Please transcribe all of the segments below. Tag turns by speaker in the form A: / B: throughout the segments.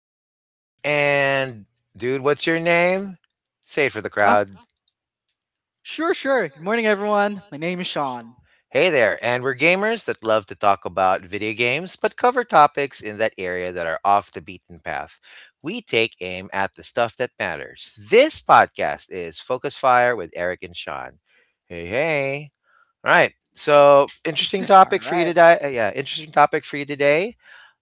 A: I'm Eric, and dude, what's your name? Say it for the
B: Ah,
A: crowd.
B: sure, sure. Good morning, everyone. My name is Sean.
A: Hey there, and we're gamers that love to talk about video games, but cover topics in that area that are off the beaten path. We take aim at the stuff that matters. This podcast is Focus Fire with Eric and Sean. Hey, hey. All right. So, interesting
B: All
A: topic for
B: right.
A: you today. Yeah, Interesting topic for you today.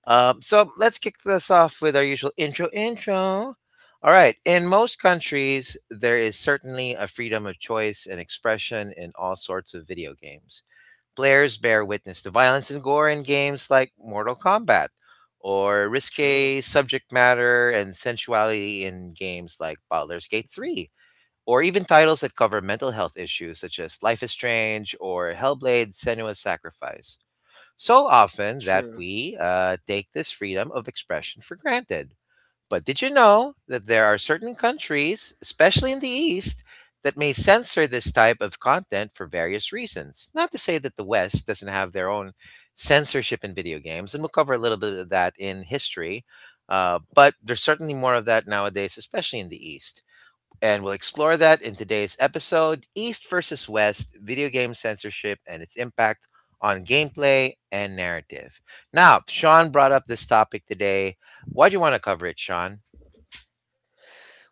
A: So let's kick this off with our usual intro. All right. In most countries, there is certainly a freedom of choice and expression in all sorts of video games. Players bear witness to violence and gore in games like Mortal Kombat, or
B: True,
A: risque subject matter and sensuality in games like Baldur's Gate 3, or even titles that cover mental health issues such as Life is Strange or Hellblade Senua's Sacrifice so often that
B: true.
A: we take this freedom of expression for granted. But did you know that there are certain countries, especially in the East, that may censor this type of content for various reasons? Not to say that the West doesn't have their own censorship in video games, and we'll cover a little bit of that in history. But there's certainly more of that nowadays, especially in the East, and we'll explore that in today's episode, East versus West, video game censorship and its impact on gameplay and narrative. Now, Sean brought up this topic today. Why do you want to cover it, Sean?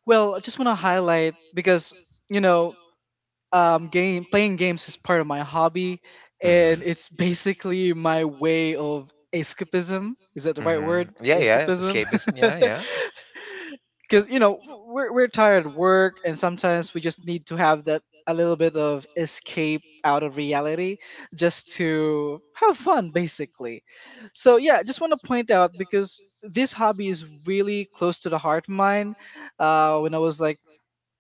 B: Well, I just want to highlight because, you know, game playing games is part of my hobby,
A: Hmm.
B: and it's basically my way of escapism. Is that the right word?
A: Hmm. Yeah, yeah.
B: Escapism.
A: Escapism. Yeah, yeah.
B: Because we're tired of work, and sometimes we just need to have that a little bit of escape out of reality just to have fun, basically. So yeah, just want to point out because this hobby is really close to the heart of mine. When I was like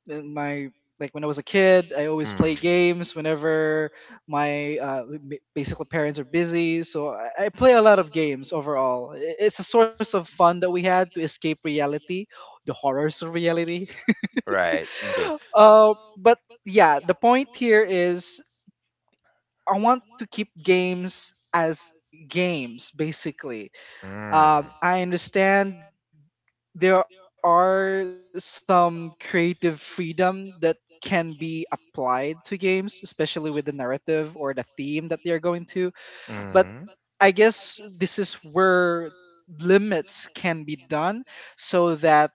B: in my like when I was a kid, I always
A: Mm.
B: play games whenever my basically parents are busy. So I play a lot of games overall. I- It's a source of fun that we had to escape reality, the horrors of reality.
A: Right. Okay.
B: But yeah, the point here is I want to keep games as games basically.
A: Mm.
B: I understand there are some creative freedom that can be applied to games, especially with the narrative or the theme that they're going to. But
A: Mm.
B: I guess this is where limits can be done so that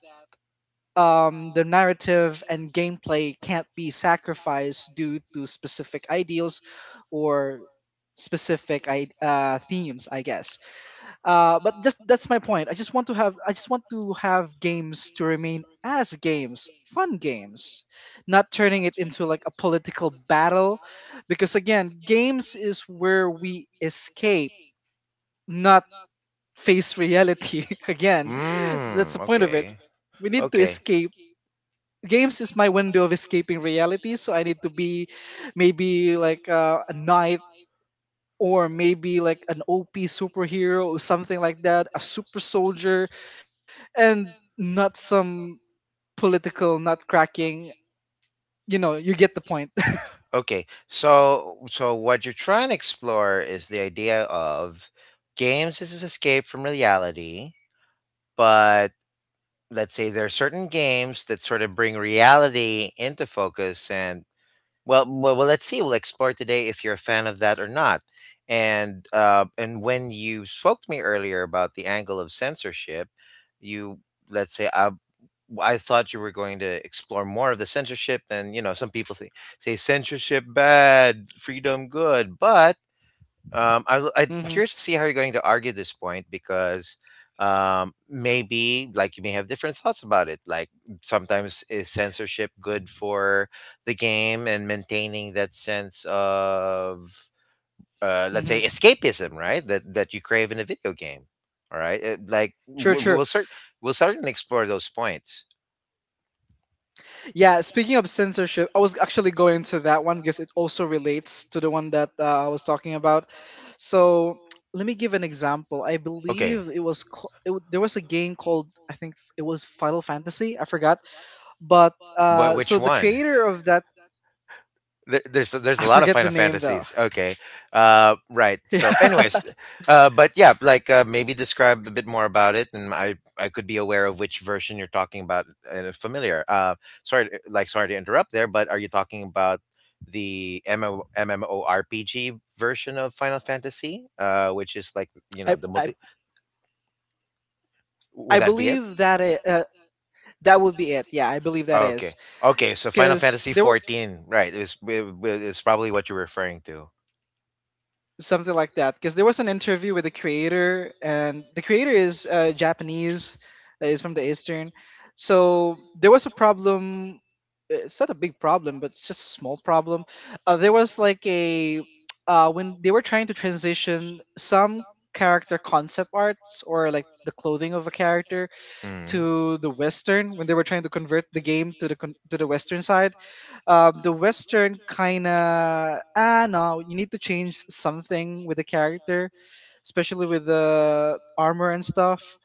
B: the narrative and gameplay can't be sacrificed due to specific ideals or specific themes, I guess. But just that's my point. I just want to have games to remain as games, fun games, not turning it into like a political battle because again, games is where we escape, not face reality. Again, that's the
A: Mm.
B: point of it.
A: Okay.
B: We need to escape.
A: Okay.
B: Games is my window of escaping reality, so I need to be maybe like a knight or maybe like an OP superhero or something like that, a super soldier and not some political nutcracking. You know, you get the point.
A: Okay, so what you're trying to explore is the idea of games as an escape from reality, but let's say there are certain games that sort of bring reality into focus, and well, well, well, let's see. We'll explore today if you're a fan of that or not. And when you spoke to me earlier about the angle of censorship, you let's say I thought you were going to explore more of the censorship, and you know, some people say, censorship bad, freedom good, but I'm
B: Hmm.
A: curious to see how you're going to argue this point because maybe like you may have different thoughts about it. Like sometimes is censorship good for the game and maintaining that sense of let's
B: Hmm.
A: say escapism, right? That you crave in a video game. All right.
B: True, true.
A: We'll certainly explore those points.
B: Yeah, speaking of censorship, I was actually going to that one because it also relates to the one that I was talking about. So let me give an example. I
A: Okay,
B: believe it was co- it, w- there was a game called I think it was Final Fantasy. I forgot, but
A: but which
B: so the
A: one?
B: creator of that
A: there, there's there's a
B: I
A: lot of
B: forget the
A: Final
B: name though.
A: Fantasies. Okay, right. So,
B: Yeah,
A: anyways, but yeah, like maybe describe a bit more about it, and I could be aware of which version you're talking about and familiar. Sorry to interrupt there, but are you talking about the MMO, MMORPG version of Final Fantasy, which is like you
B: I
A: know the
B: I
A: multi? Would
B: I
A: that be it?
B: believe that that would be it. Yeah, I believe that
A: Okay.
B: is.
A: Okay, so Final
B: Because
A: Fantasy
B: there were
A: 14, right, is probably what you're referring to.
B: something like that because there was an interview with the creator and the creator is Japanese, is from the eastern. So there was a problem. It's not a big problem, but it's just a small problem. There was like a when they were trying to transition some character concept arts or like the clothing of a character
A: Mm-hmm.
B: to the western, when they were trying to convert the game to the to the western side, the Western kind of, ah no, you need to change something with the character, especially with the armor and stuff.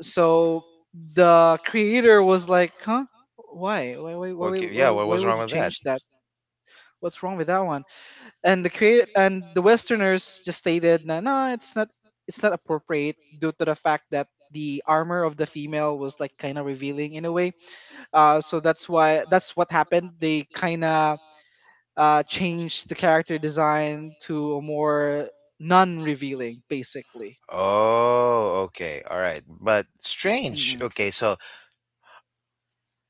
B: So the creator was like, huh,
A: Yeah, what
B: why
A: was
B: would
A: wrong
B: you
A: with that?
B: change that? What's wrong with that one? And the create and the Westerners just stated, no, no, it's not appropriate due to the fact that the armor of the female was like kind of revealing in a way. So that's why, that's what happened, they kind of change the character design to a more non-revealing, basically.
A: Oh, okay. All right. But strange.
B: Mm-mm.
A: Okay, so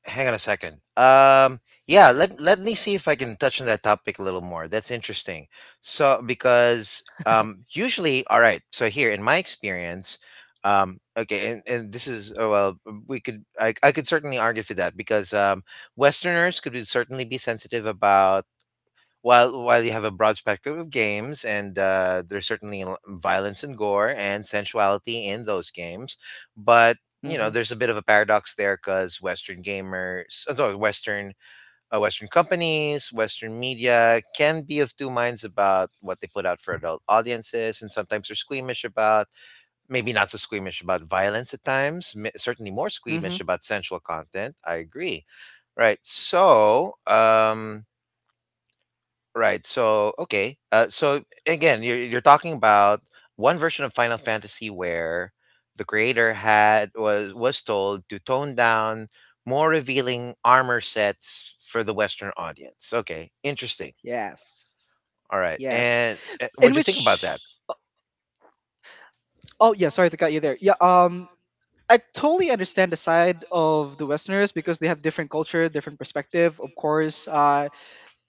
A: hang on a second. Yeah, let me see if I can touch on that topic a little more. That's interesting. So because usually, all right, so here in my experience, okay, and, this is oh, well, we could I could certainly argue for that because Westerners certainly be sensitive about. While you have a broad spectrum of games, and violence and gore and sensuality in those games, but you
B: Mm-hmm.
A: know there's a bit of a paradox there because Western gamers, Western Western companies, Western media can be of two minds about what they put out for adult audiences, and sometimes they're squeamish about, maybe not so squeamish about violence at times, certainly more squeamish
B: Mm-hmm.
A: about sensual content. I agree. Right. So, right. So okay. Again, you're talking about one version of Final Fantasy where the creator had was told to tone down more revealing armor sets for the Western audience. Okay, interesting.
B: Yes.
A: All right.
B: Yes.
A: And
B: In
A: what'd you think about
B: which,
A: that?
B: oh yeah, sorry to cut you there. Yeah. I totally understand the side of the Westerners because they have different culture, different perspective. Of course,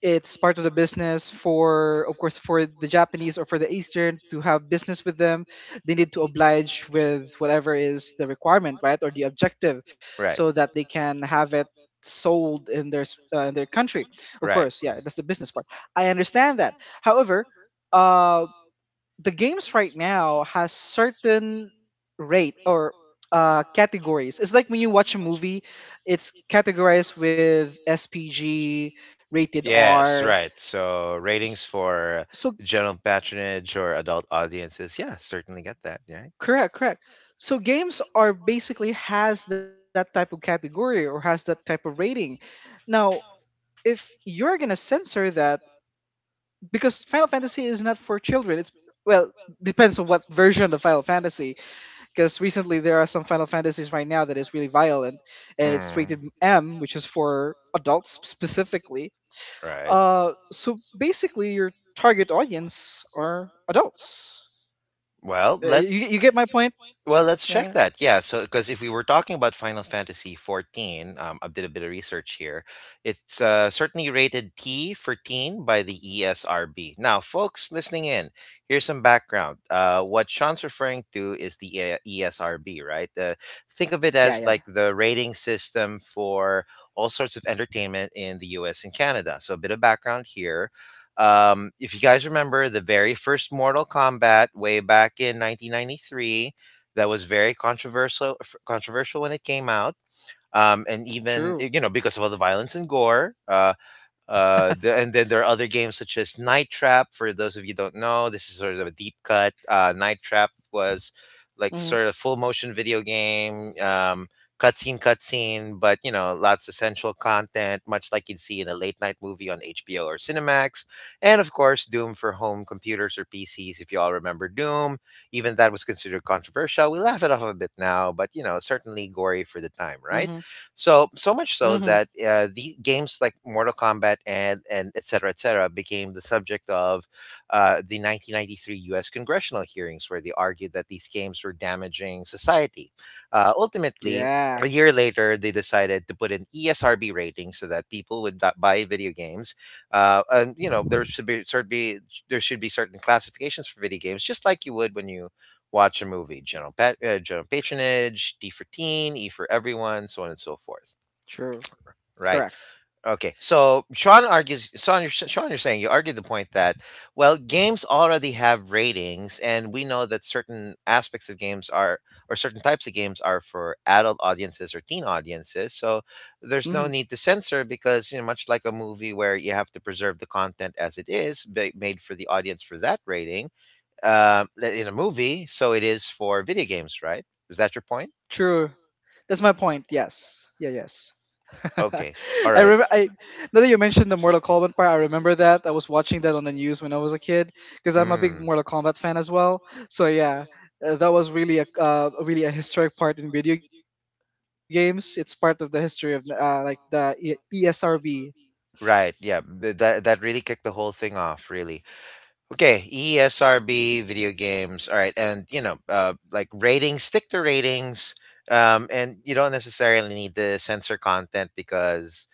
B: it's part of the business for, of course, for the Japanese or for the eastern to have business with them. They need to oblige with whatever is the requirement, right, or the objective,
A: Right.
B: so that they can have it sold in their in their country. Of
A: Right.
B: course, yeah, that's the business part. I understand that. However, uh the games right now has certain rate or categories. It's like when you watch a movie, it's categorized with SPG, rated
A: Yes,
B: R.
A: right. So
B: S-
A: ratings for
B: so
A: general patronage or adult audiences. Yeah, certainly get that. Yeah.
B: correct, correct. So games are basically has that type of category or has that type of rating. Now, if you're gonna censor that, because Final Fantasy is not for children, it's, well, depends on what version of Final Fantasy, because recently there are some Final Fantasies right now that is really violent, and it's
A: Mm.
B: rated M, which is for adults specifically.
A: Right.
B: So basically your target audience are adults.
A: Well, let
B: You,
A: You,
B: you get my
A: you get my
B: point.
A: point? Well, let's check
B: Uh,
A: that. Yeah. So because if we were talking about Final Fantasy 14, I did a bit of research here. It's certainly rated T for teen by the ESRB. Now, folks listening in, here's some background. What Sean's referring to is the ESRB, right? Think of it
B: yeah,
A: as
B: yeah.
A: like the rating system for all sorts of entertainment in the U.S. and Canada. So a bit of background here. If you guys remember the very first Mortal Kombat way back in 1993, that was very controversial controversial when it came out. And
B: True.
A: even you know because of all the violence and gore, and then there are other games such as Night Trap. For those of you don't know, this is sort of a deep cut. Night Trap was like
B: Mhm.
A: sort of full motion video game, cutscene, but you know, lots of sensual content, much like you'd see in a late night movie on HBO or Cinemax. And of course, Doom for home computers or PCs. If you all remember Doom, even that was considered controversial. We laugh it off a bit now, but you know, certainly gory for the time, right?
B: Mhm.
A: So so much so
B: Mhm.
A: that the games like Mortal Kombat and et cetera, became the subject of the 1993 U.S. congressional hearings, where they argued that these games were damaging society. Ultimately.
B: Yeah.
A: A year later, they decided to put an ESRB rating so that people would not buy video games. And you know, there should be certain classifications for video games, just like you would when you watch a movie. General patronage, D for teen, E for everyone, so on and so forth.
B: True.
A: Right.
B: Correct.
A: Okay. So Sean argues. Sean, you're saying you argued the point that, well, games already have ratings, and we know that certain aspects of games are, or certain types of games are for adult audiences or teen audiences. So there's no
B: Mhm.
A: need to censor because you know, much like a movie where you have to preserve the content as it is, made for the audience for that rating, uh, in a movie, so it is for video games, right? Is that your point?
B: True. That's my point. Yes. Yeah. Yes.
A: Okay, all
B: I
A: right.
B: remember. I Now that you mentioned the Mortal Kombat part, I remember that I was watching that on the news when I was a kid because I'm a big
A: Mm,
B: Mortal Kombat fan as well. So yeah, that was really a really a historic part in video games. It's part of the history of like the ESRB.
A: right, yeah. That that really kicked the whole thing off, really. Okay, ESRB video games. All right, and you know, like ratings, stick to ratings, and you don't necessarily need to censor content because,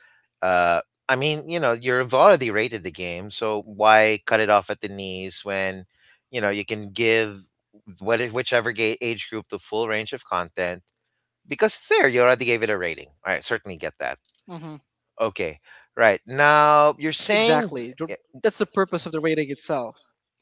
A: uh, I mean, you know, you've already rated the game, so why cut it off at the knees when, you know, you can give what whichever age group the full range of content because it's there. You already gave it a rating. All right, certainly get that.
B: Mhm.
A: Okay, right now you're
B: Exactly.
A: saying.
B: That's the purpose of the rating itself.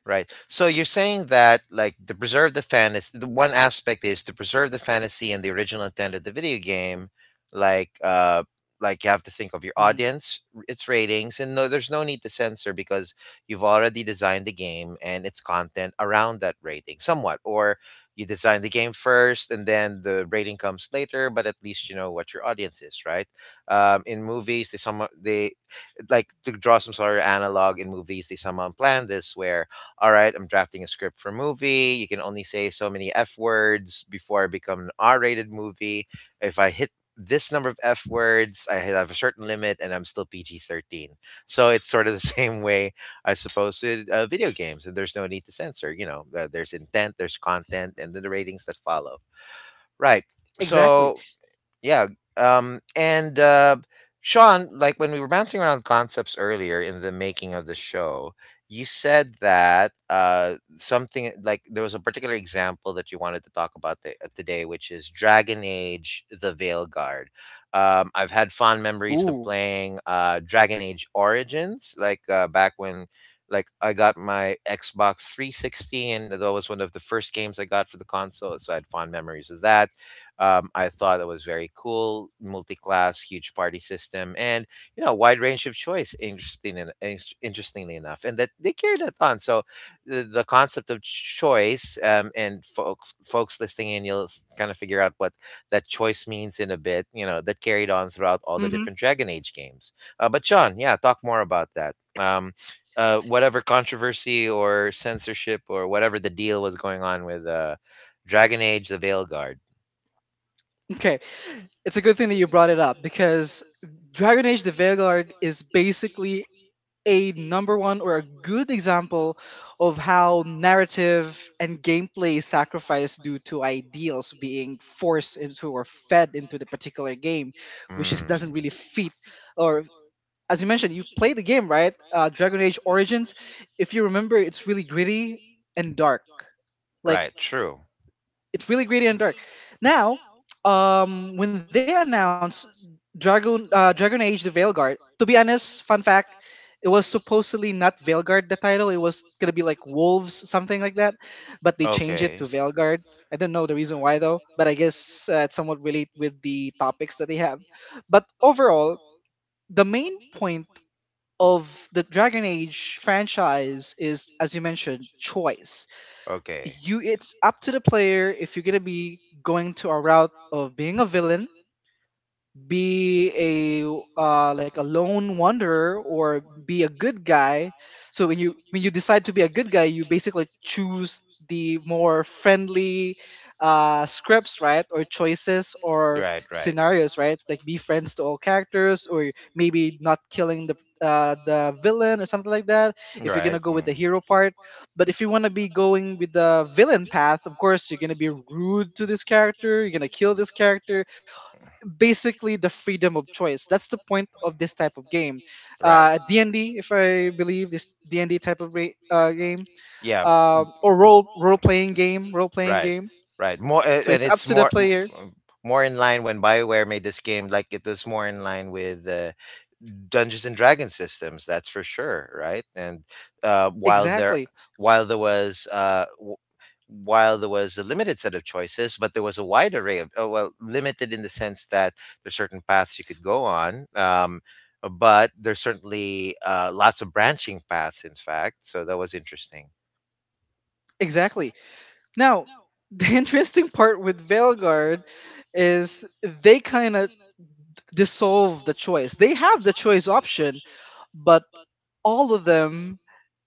A: Right. So you're saying that, like, to preserve the fantasy, the one aspect is to preserve the fantasy and the original intent of the video game. Like, uh, like you
B: Mhm.
A: have to think of your audience, its ratings, and no, there's no need to censor because you've already designed the game and its content around that rating, somewhat. Or you design the game first, and then the rating comes later. But at least you know what your audience is, right? In movies, they somewhat they like to draw some sort of analog, in movies, they somehow plan this where, all right, I'm drafting a script for a movie. You can only say so many F words before I become an R rated movie. If I hit this number of F words, I have a certain limit and I'm still PG 13. So it's sort of the same way, I suppose, with video games, and there's no need to censor. You know, there's intent, there's content, and then the ratings that follow. Right.
B: Exactly.
A: So yeah. And Sean, like when we were bouncing around concepts earlier in the making of the show, you said that something like there was a particular example that you wanted to talk about today, which is Dragon Age: The Veil Guard. I've had fond
B: Ooh.
A: memories of playing Dragon Age Origins, like back when. Like I got my Xbox 360, and that was one of the first games I got for the console, so I had fond memories of that I thought it was very cool, multi-class, huge party system, and you know, wide range of choice. Interestingly enough, and that they carried that on. So the concept of choice, and folks listening in, you'll kind of figure out what that choice means in a bit. You know, that carried on throughout all the
B: Hmm.
A: different Dragon Age games. But John, yeah, talk more about that. Whatever controversy or censorship or whatever the deal was going on with Dragon Age: The Veilguard.
B: Okay, it's a good thing that you brought it up because Dragon Age: The Vanguard is basically a number one or a good example of how narrative and gameplay is sacrificed due to ideals being forced into or fed into the particular game, which just doesn't really fit. Or as you mentioned, you played the game, right? Dragon Age Origins. If you remember, it's really gritty and dark. Like
A: Right, true.
B: it's really gritty and dark. Now, when they announced Dragon Age: The Veilguard, to be honest, fun fact, it was supposedly not Veilguard the title. It was gonna be like Wolves, something like that, but they changed it to Veilguard. I don't know the reason why though, but I guess it's somewhat relate with the topics that they have. But overall, the main point of the Dragon Age franchise is, as you mentioned, choice.
A: Okay.
B: You, it's up to the player if you're gonna be going to a route of being a villain, be a like a lone wanderer, or be a good guy. So when you decide to be a good guy, you basically choose the more friendly scripts, right, or choices or scenarios, right, like be friends to all characters or maybe not killing the villain or something like that, if you're gonna go with the hero part. But if you want to be going with the villain path, of course you're gonna be rude to this character, you're gonna kill this character. Basically the freedom of choice. That's the point of this type of game.
A: It. Right.
B: D&D, if I believe, this D&D type of game,
A: Yeah, b-
B: or role playing game, role playing
A: right,
B: game.
A: right. More a-
B: So
A: and
B: it's up
A: it's
B: to the
A: more
B: player.
A: m- more in line when Bioware made this game. Like it was more in line with Dungeons and Dragons systems. That's for sure, right? And while there,
B: Exactly,
A: while there was. Uh, w- while there was a limited set of choices, but there was a wide array of, oh, well, limited in the sense that there's certain paths you could go on. But there's certainly lots of branching paths. In fact, so that was interesting.
B: exactly. Now, the interesting part with Veilguard is they kind of dissolve the choice. They have the choice option, but all of them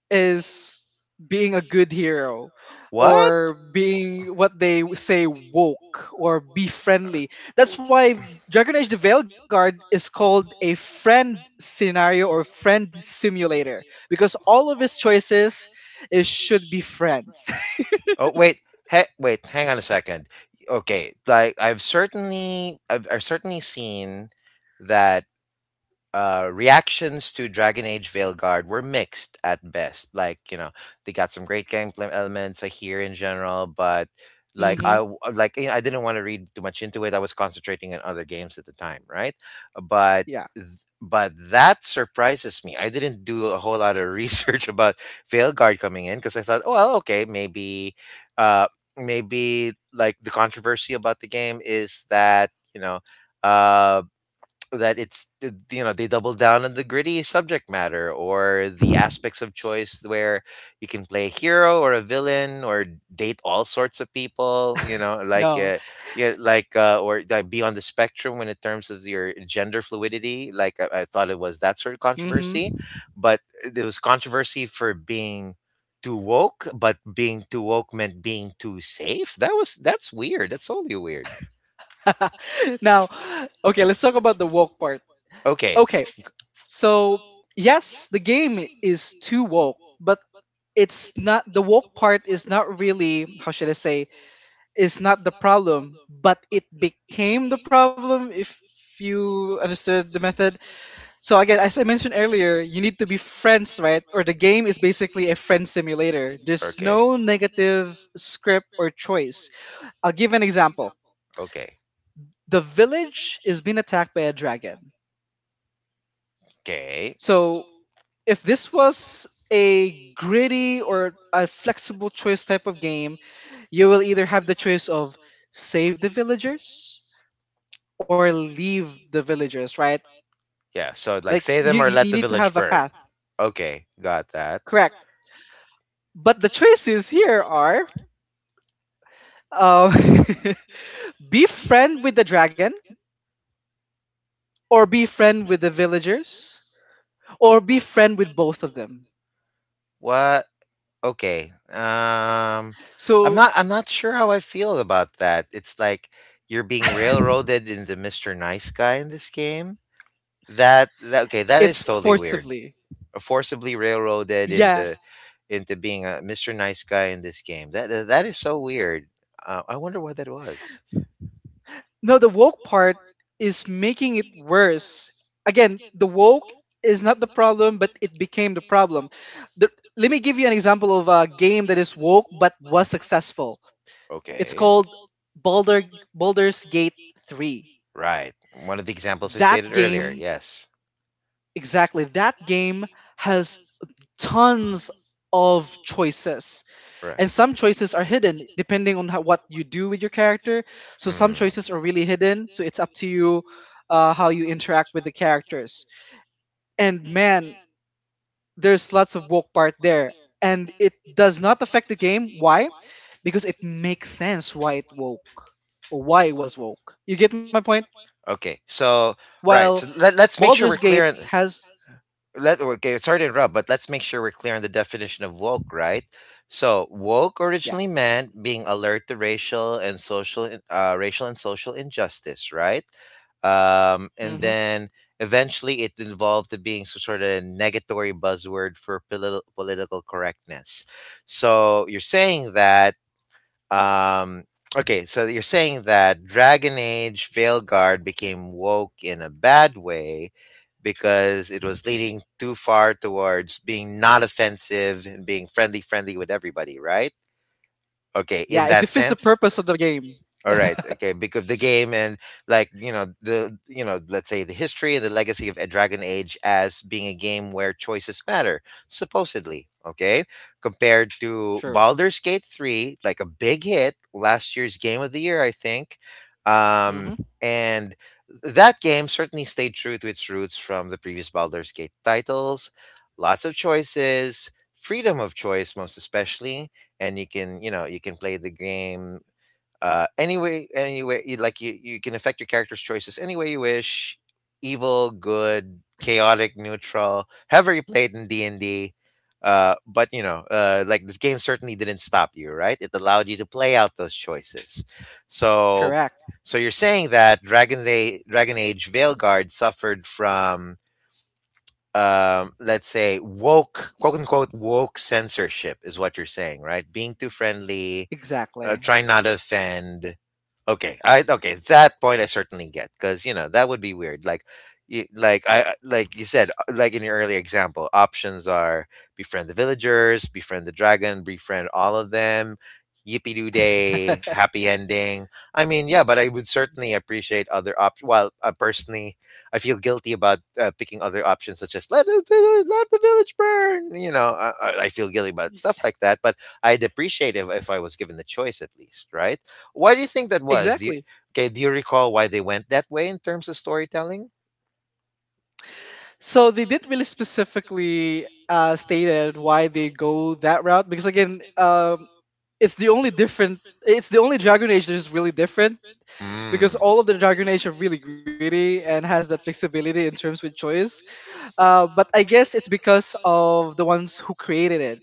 B: is being a good hero
A: What?
B: or being what they say woke or be friendly. That's why Dragon Age the Veilguard is called a friend scenario or friend simulator because all of his choices is should be friends.
A: Oh wait, wait, hang on a second. Okay, like I've certainly, I've certainly seen that reactions to Dragon Age Veilguard were mixed at best. Like you know, they got some great gameplay elements I hear in general, but
B: Mhm.
A: like you know, I didn't want to read too much into it. I was concentrating on other games at the time, right? But
B: Yeah.
A: th- but that surprises me. I didn't do a whole lot of research about Veilguard coming in because I thought, oh well, okay, maybe uh maybe like the controversy about the game is that you know, um that you know, they double down on the gritty subject matter or the aspects of choice where you can play a hero or a villain or date all sorts of people, you know, like
B: No.
A: yeah, like or that be on the spectrum when in terms of your gender fluidity. Like I thought it was that sort of
B: Mhm.
A: controversy, but there was controversy for being too woke, but being too woke meant being too safe. That was, that's weird. That's totally weird.
B: Now, okay, let's talk about the woke part.
A: Okay.
B: Okay. So, yes, the game is too woke, but it's not the woke part is not really, how should I say, is not the problem, but it became the problem if you understood the method. So again, as I mentioned earlier, you need to be friends, right? Or the game is basically a friend simulator. There's
A: Okay.
B: no negative script or choice. I'll give an example.
A: Okay.
B: The village is being attacked by a dragon.
A: Okay.
B: So if this was a gritty or a flexible choice type of game, you will either have the choice of save the villagers or leave the villagers, right?
A: Yeah. So like
B: Like
A: say them or
B: you
A: let the
B: need to
A: village
B: have a
A: burn.
B: path.
A: Okay. Got that.
B: Correct. But the choices here are um, be friend with the dragon or be friend with the villagers or be friend with both of them.
A: What? Okay. I'm
B: So
A: not, I'm not sure how I feel about that. It's like you're being railroaded into Mr. Nice Guy in this game. That, okay, that
B: it's
A: is totally weird.
B: forcibly.
A: Forcibly railroaded
B: Yeah.
A: into being a Mr. Nice Guy in this game. That is so weird. I wonder what that was.
B: No, the woke part is making it worse. Again, the woke is not the problem, but it became the problem. The, let me give you an example of a game that is woke but was successful. It's
A: Okay,
B: called Baldur, Baldur's Gate 3.
A: right. One of the examples I
B: That
A: stated earlier.
B: game,
A: Yes.
B: exactly, that game has tons of choices, and
A: Right.
B: some choices are hidden depending on what you do with your character, so
A: Mm.
B: some choices are really hidden. So it's up to you how you interact with the characters. And man, there's lots of woke part there, and it does not affect the game. Why? Because it makes sense why it woke, or why it was woke. You get my point?
A: Okay, so right,
B: While
A: so let's make sure we're
B: Baldur's
A: clear
B: Gate
A: on,
B: has,
A: let okay. Sorry to interrupt, but let's make sure we're clear on the definition of woke, right? So woke
B: yeah.
A: originally meant being alert to racial and social racial and social injustice, right? And
B: Hmm.
A: then eventually it evolved to being some sort of negatory buzzword for political correctness. So you're saying that, um, okay, so you're saying that Dragon Age Veilguard became woke in a bad way because it was leaning too far towards being not offensive and being friendly, friendly with everybody, right? Okay, in, yeah,
B: Yeah, it
A: that
B: defeats the
A: sense.
B: purpose of the game.
A: All right, yeah, okay, because the game and, like you know, the, you know, let's say the history and the legacy of a Dragon Age as being a game where choices matter, supposedly. Okay, compared to
B: True.
A: Baldur's Gate three, like a big hit, last year's game of the year, I think, um,
B: Hmm.
A: and that game certainly stayed true to its roots from the previous Baldur's Gate titles. Lots of choices, freedom of choice, most especially, and you can, you know, you can play the game, anyway, anyway you like, you can affect your character's choices any way you wish. Evil, good, chaotic neutral, however you play it in d&d. Uh, but you know, like this game certainly didn't stop you, right? It allowed you to play out those choices. So
B: Correct.
A: so you're saying that dragon age veilguard suffered from, let's say woke, quote unquote woke censorship is what you're saying, right? Being too friendly,
B: Exactly.
A: trying not to offend. Okay, I, okay. That point I certainly get because you know that would be weird. Like, you, like, I like you said, like in your earlier example, options are befriend the villagers, befriend the dragon, befriend all of them. Yippee doo day, happy ending. I mean, yeah, but I would certainly appreciate other options. Well, personally, I feel guilty about picking other options such as let the village burn. You know, I feel guilty about stuff like that. But I'd appreciate if I was given the choice at least, right? Why do you think that was? Do you,
B: Exactly.
A: okay, do you recall why they went that way in terms of storytelling?
B: So they didn't really specifically stated why they go that route because again, it's the only different. It's the only Dragon Age that is really different, because
A: Mm.
B: all of the Dragon Age are really greedy and has that flexibility in terms with choice. But I guess it's because of the ones who created it.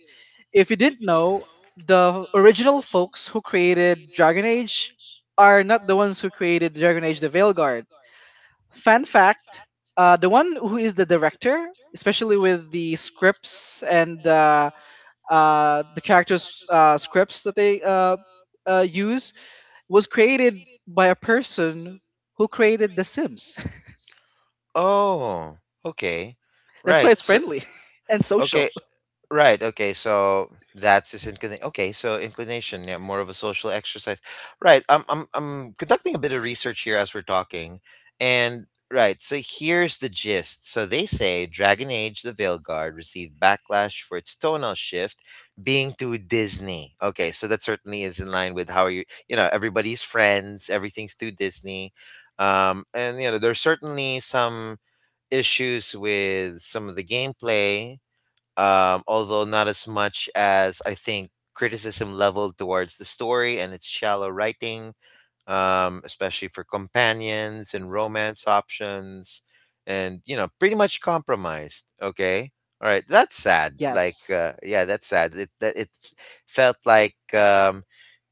B: If you didn't know, the original folks who created Dragon Age are not the ones who created Dragon Age: The Veilguard. Fan fact: the one who is the director, especially with the scripts and the characters' scripts that they use, was created by a person who created The Sims.
A: Oh, okay.
B: That's why
A: Right.
B: it's
A: So was,
B: friendly and social.
A: okay, right. Okay, so that's his inclination. Okay, so inclination, yeah, more of a social exercise. Right. I'm conducting a bit of research here as we're talking. And right, so here's the gist. So they say Dragon Age: The Veilguard received backlash for its tonal shift being too Disney. Okay, so that certainly is in line with how you, you know, everybody's friends, everything's too Disney. Um, and you know, there's certainly some issues with some of the gameplay, although not as much as I think criticism leveled towards the story and its shallow writing, especially for companions and romance options, and you know, pretty much compromised. Okay, all right, that's sad.
B: Yes,
A: Like, yeah, that's sad. It felt like,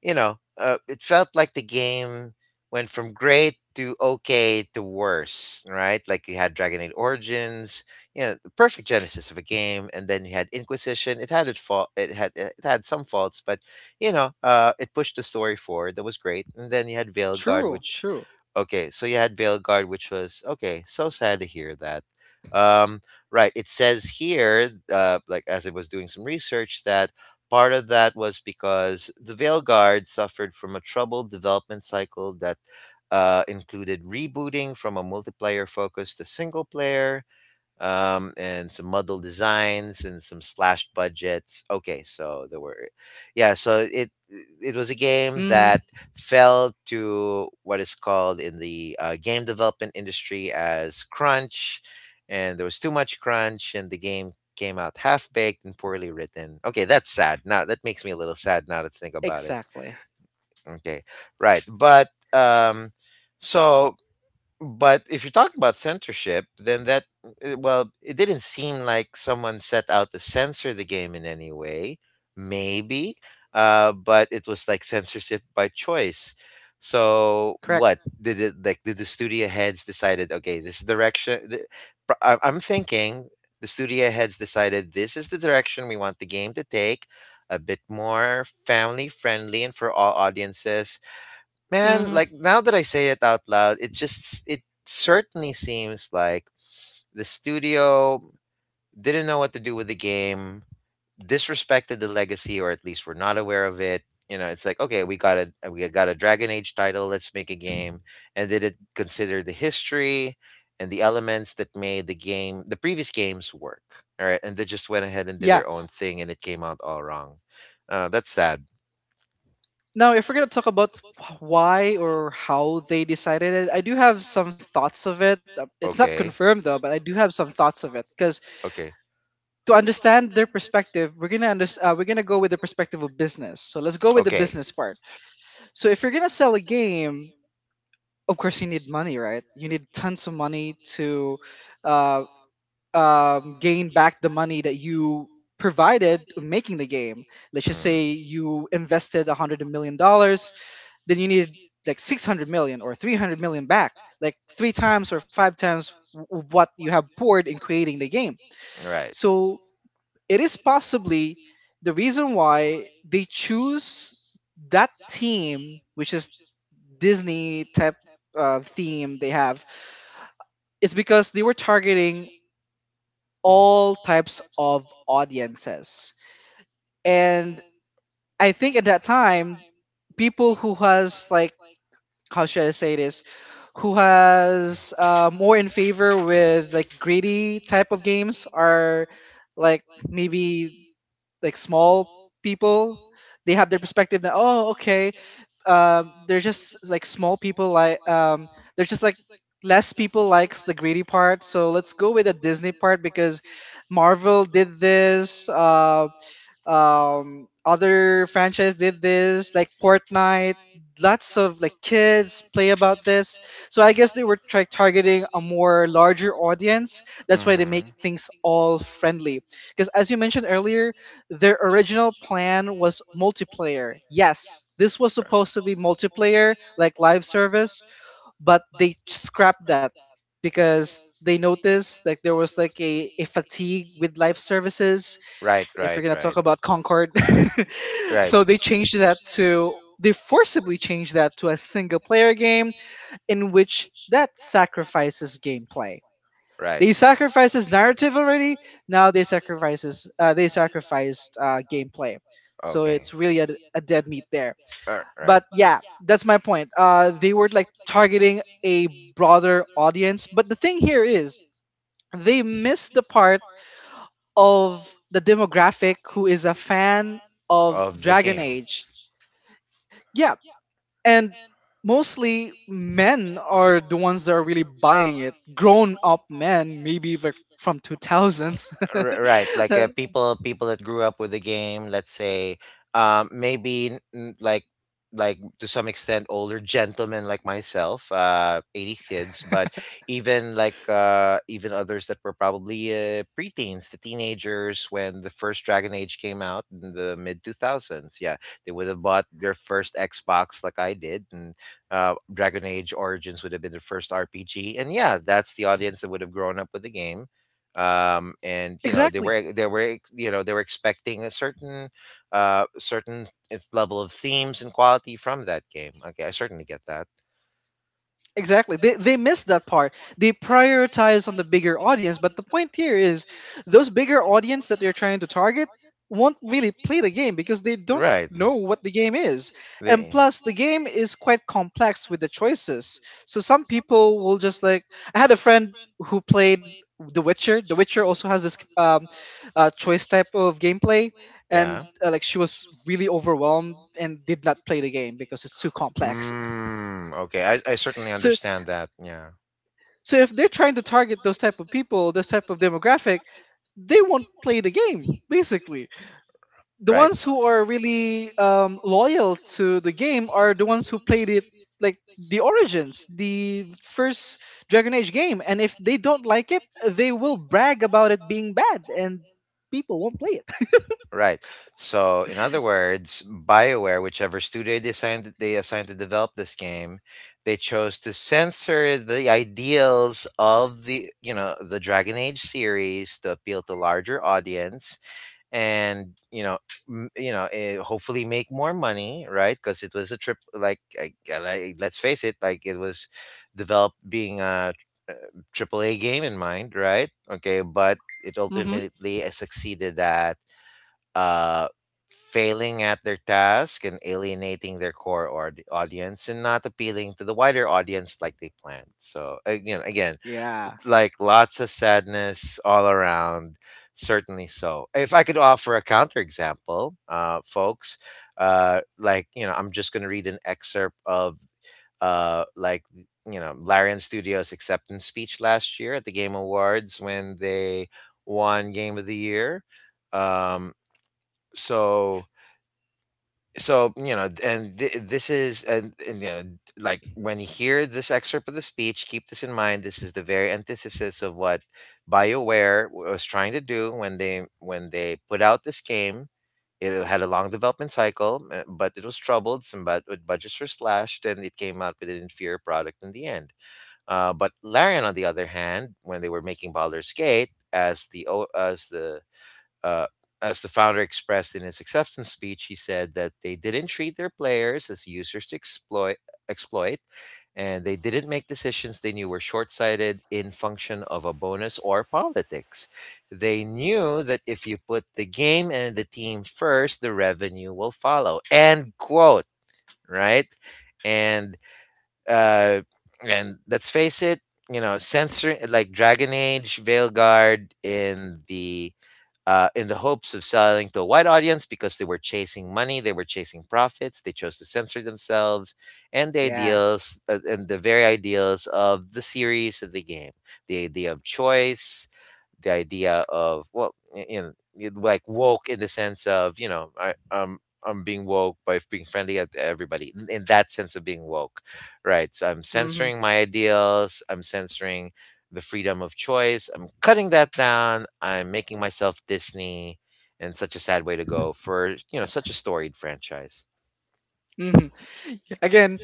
A: you know, it felt like the game went from great to okay to worse, right? Like you had Dragon Age Origins, yeah, the perfect genesis of a game, and then you had Inquisition. It had its fault. It had some faults, but you know, it pushed the story forward. That was great. And then you had Veilguard,
B: true,
A: which,
B: true.
A: okay, so you had Veilguard, which was okay. So sad to hear that. Um, right. It says here, like as I was doing some research, that part of that was because the Veilguard suffered from a troubled development cycle that. Included rebooting from a multiplayer focus to single player, and some muddled designs and some slashed budgets. Okay, so there were, yeah, so it was a game
B: Mm-hmm.
A: that fell to what is called in the game development industry as crunch, and there was too much crunch, and the game came out half baked and poorly written. Okay, that's sad. Now that makes me a little sad now to think about
B: Exactly.
A: it. Okay, right, but, um, so but if you're talking about censorship, then that well, it didn't seem like someone set out to censor the game in any way. Maybe, but it was like censorship by choice. So
B: Correct.
A: what did it like? Did the studio heads decided? Okay, this is direction. I'm thinking the studio heads decided this is the direction we want the game to take. A bit more family friendly and for all audiences. Man,
B: Mm-hmm.
A: like now that I say it out loud, it just it certainly seems like the studio didn't know what to do with the game, disrespected the legacy, or at least were not aware of it. You know, it's like okay, we got a Dragon Age title. Let's make a game, and did it consider the history and the elements that made the game, the previous games work? All right, and they just went ahead and did
B: Yeah.
A: their own thing, and it came out all wrong. That's sad.
B: Now, if we're gonna talk about why or how they decided it, I do have some thoughts of it. It's not
A: Okay,
B: confirmed though, but I do have some thoughts of it. Because
A: okay.
B: to understand their perspective, we're gonna we're gonna go with the perspective of business. So let's go
A: At
B: with the
A: okay.
B: business part. So if you're gonna sell a game, of course you need money, right? You need tons of money to uh, gain back the money that you provided making the game. Let's just
A: Let's
B: say
A: just, mm.
B: you invested $100 million, then you needed like 600 million or 300 million back, like three times or five times what you have poured in creating the game.
A: Right.
B: So it is possibly the reason why they choose that theme, which is Disney type theme they have. It's because they were targeting all types of audiences. And I think at that time, people who has like, how should I say this, who has more in favor with like greedy type of games are like maybe like small people. They have their perspective that, oh, okay, they're just like small people, like they're just like less people likes the greedy part. So let's go with the Disney part, because Marvel did this, other franchise did this, like Fortnite. Lots of like kids play about this. So I guess they were try targeting a more larger audience.
A: That's
B: That's why they make
A: why,
B: things all friendly, because as you mentioned earlier, their original plan was multiplayer. Yes, this was supposed to be multiplayer, like live service, but they scrapped that because they noticed like there was like a fatigue with live services,
A: right.
B: if we're
A: Right.
B: gonna talk about Concord.
A: Right.
B: So they changed that to, they forcibly changed that to a single player game, in which that sacrifices gameplay.
A: Right.
B: They sacrifices narrative already. Now they sacrifices they sacrificed gameplay.
A: So
B: So it's really a dead meat there.
A: uh,
B: But
A: right.
B: yeah, that's my point. They were like targeting a broader audience. But the thing here is, they missed the part of the demographic who is a fan of
A: Of the
B: Dragon
A: game.
B: Age. Yeah. And mostly men are the ones that are really buying it. Grown up men, maybe like from 2000s.
A: R- right, like people that grew up with the game, let's say, maybe like to some extent older gentlemen like myself, 80s kids, but even like, even others that were probably preteens, the teenagers when the first dragon age came out in the mid 2000s, yeah, they would have bought their first xbox like I did, and Dragon Age Origins would have been the first RPG, and yeah, that's the audience that would have grown up with the game. And you know
B: Exactly.
A: they were you know they were expecting a certain certain its level of themes and quality from that game. Okay, I certainly get that.
B: Exactly. They missed that part. They prioritize on the bigger audience, but the point here is those bigger audience that they're trying to target won't really play the game because they don't
A: Right.
B: know what the game is. And
A: They,
B: plus, the game is quite complex with the choices. So some people will just like, I had a friend who played The Witcher. The Witcher also has this choice type of gameplay,
A: yeah.
B: and like she was really overwhelmed and did not play the game because it's too complex.
A: Mm, okay, I certainly
B: So.
A: understand that. Yeah.
B: So if they're trying to target those type of people, this type of demographic, they won't play the game basically. The
A: Right.
B: ones who are really loyal to the game are the ones who played it, like the origins, the first Dragon Age game, and if they don't like it, they will brag about it being bad, and people won't play it.
A: Right. So, in other words, BioWare, whichever studio they assigned to develop this game, they chose to censor the ideals of the Dragon Age series to appeal to larger audience, and hopefully make more money, right? Because it was a trip. Like, let's face it, like it was developed being a uh, triple A game in mind, right? Okay, but it
B: Hmm.
A: ultimately succeeded at uh, failing at their task and alienating their audience and not appealing to the wider audience like they planned. So again,
B: Yeah,
A: like lots of sadness all around. Certainly so. If I could offer a counterexample, folks, I'm just going to read an excerpt of uh, like Larian Studios' acceptance speech last year at the Game Awards when they won Game of the Year. Um, so so you know and th- this is and you know, like when you hear this excerpt of the speech, keep this in mind: this is the very antithesis of what BioWare was trying to do when they put out this game. It had a long development cycle, but it was troubled some, but budgets were slashed and it came out with an inferior product in the end. But Larian, on the other hand, when they were making Baldur's Gate, as the o- uh, as the founder expressed in his acceptance speech, he said that they didn't treat their players as users to exploit, exploit and they didn't make decisions they knew were short sighted in function of a bonus or politics. They knew that if you put the game and the team first, the revenue will follow. End quote, right? And, uh, and let's face it, you know, censoring like Dragon Age, Veilguard in the hopes of selling to a wide audience because they were chasing money, they were chasing profits, they chose to censor themselves and the
B: yeah.
A: ideals and the very ideals of the series of the game, the idea of choice, the idea of, well, like woke in the sense of, you know, I'm being woke by being friendly to everybody in that sense of being woke, right? So I'm
B: Hmm.
A: censoring my ideals, I'm censoring the freedom of choice. I'm cutting that down. I'm making myself Disney, and such a sad way to go for, you know, such a storied franchise.
B: Hmm. Again,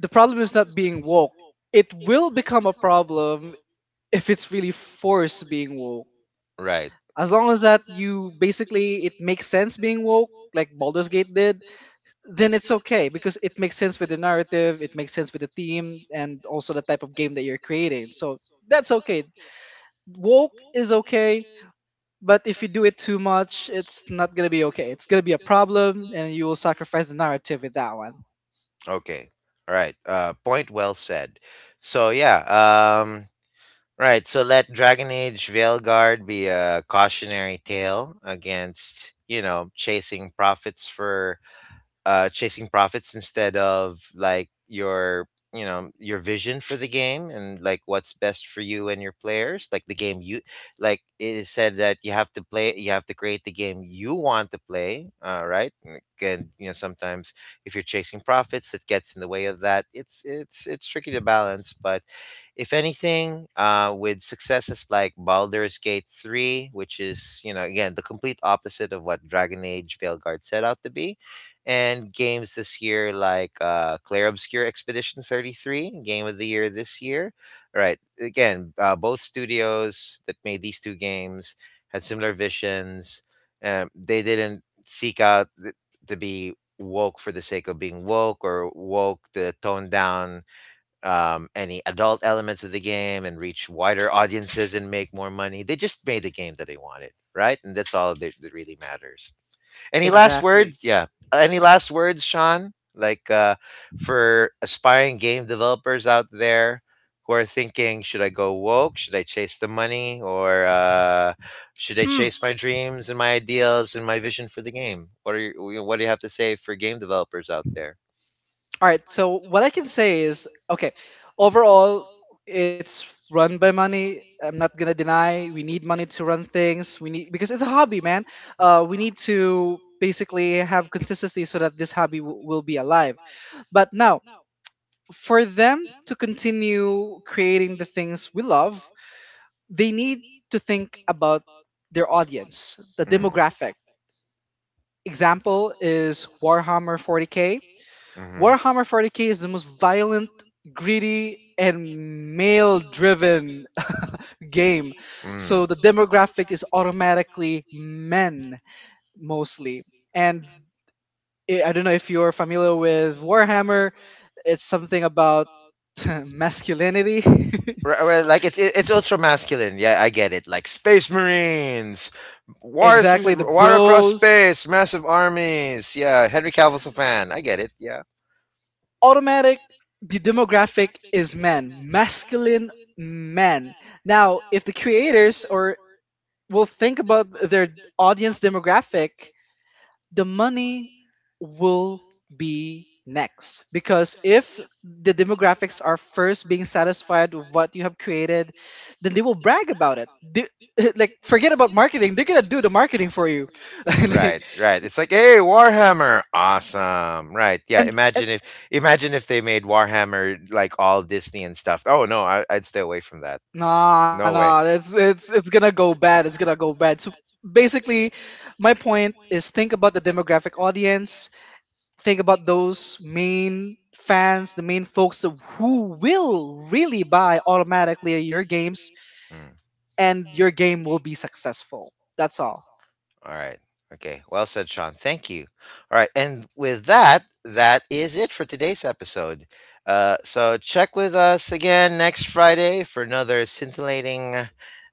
B: the problem is not being woke. It will become a problem if it's really forced being woke.
A: Right.
B: As long as that, you basically, it makes sense being woke like Baldur's Gate did, then it's okay because it makes sense with the narrative, it makes sense with the theme, and also the type of game that you're creating. So that's okay. Woke is okay, but if you do it too much, it's not gonna be okay. It's gonna be a problem, and you will sacrifice the narrative with that one.
A: Okay. All right. Point well said. So yeah. Right. So let Dragon Age Veilguard be a cautionary tale against, you know, chasing profits for chasing profits instead of like your, you know, your vision for the game and like what's best for you and your players, like the game you, like it is said that you have to play, you have to create the game you want to play, right? Like, and again, you know, sometimes if you're chasing profits that gets in the way of that, it's tricky to balance, but if anything, with successes like Baldur's Gate 3, which is, you know, again the complete opposite of what Dragon Age Veilguard set out to be, and games this year like Clair Obscur Expedition 33, game of the year this year. All right, again, both studios that made these two games had similar visions. They didn't to be woke for the sake of being woke, or woke to tone down any adult elements of the game and reach wider audiences and make more money. They just made the game that they wanted, right? And that's all that, that really matters. Any last
B: Exactly.
A: words? Yeah. Any last words, Sean? Like for aspiring game developers out there who are thinking, should I go woke? Should I chase the money? Or should I
B: Hmm.
A: chase my dreams and my ideals and my vision for the game? What are you, what do you have to say for game developers out there?
B: All right. So what I can say is, okay, overall, it's run by money. I'm not gonna deny, we need money to run things. We need, because it's a hobby, man. We need to basically have consistency so that this hobby will be alive. But now, for them to continue creating the things we love, they need to think about their audience, the
A: Mm.
B: demographic. Example is Warhammer 40k.
A: Mm-hmm.
B: Warhammer 40k is the most violent, greedy, and male driven game.
A: Mm.
B: So the demographic is automatically men, mostly. And I don't know if you're familiar with Warhammer, it's something about masculinity.
A: Right, right, like it's ultra masculine. Yeah, I get it. Like space marines, war
B: Exactly, the
A: through war across
B: bros.
A: space, massive armies. Yeah, Henry Cavill's a fan. I get it. Yeah.
B: Automatic, the demographic is men, masculine men. Now, if the creators or will think about their audience demographic, the money will be next. Because if the demographics are first being satisfied with what you have created, then they will brag about it. They- like forget about marketing; they're gonna do the marketing for you. Like
A: Right, right. It's like, hey, Warhammer, awesome. Right, yeah.
B: and, and
A: Imagine if they made Warhammer like all Disney and stuff. Oh no, I'd stay away from that.
B: nah,
A: No way.
B: nah, it's it's gonna go bad. It's gonna go bad. So basically, my point is, think about the demographic audience, think about those main fans, the main folks that- who will really buy automatically your games, and your game will be successful. That's all.
A: All right. Okay. Well said, Sean. Thank you. All right. And with that, that is it for today's episode. So check with us again next Friday for another scintillating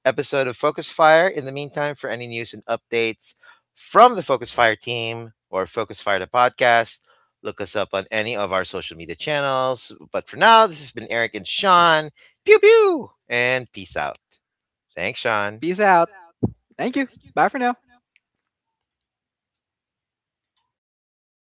A: episode of Focus Fire. In the meantime, for any news and updates from the Focus Fire team or Focus Fire the podcast, look us up on any of our social media channels. But for now, this has been Eric and Sean. Pew pew. And peace out. Thanks, Sean.
B: Peace out. Thank you. Bye for now.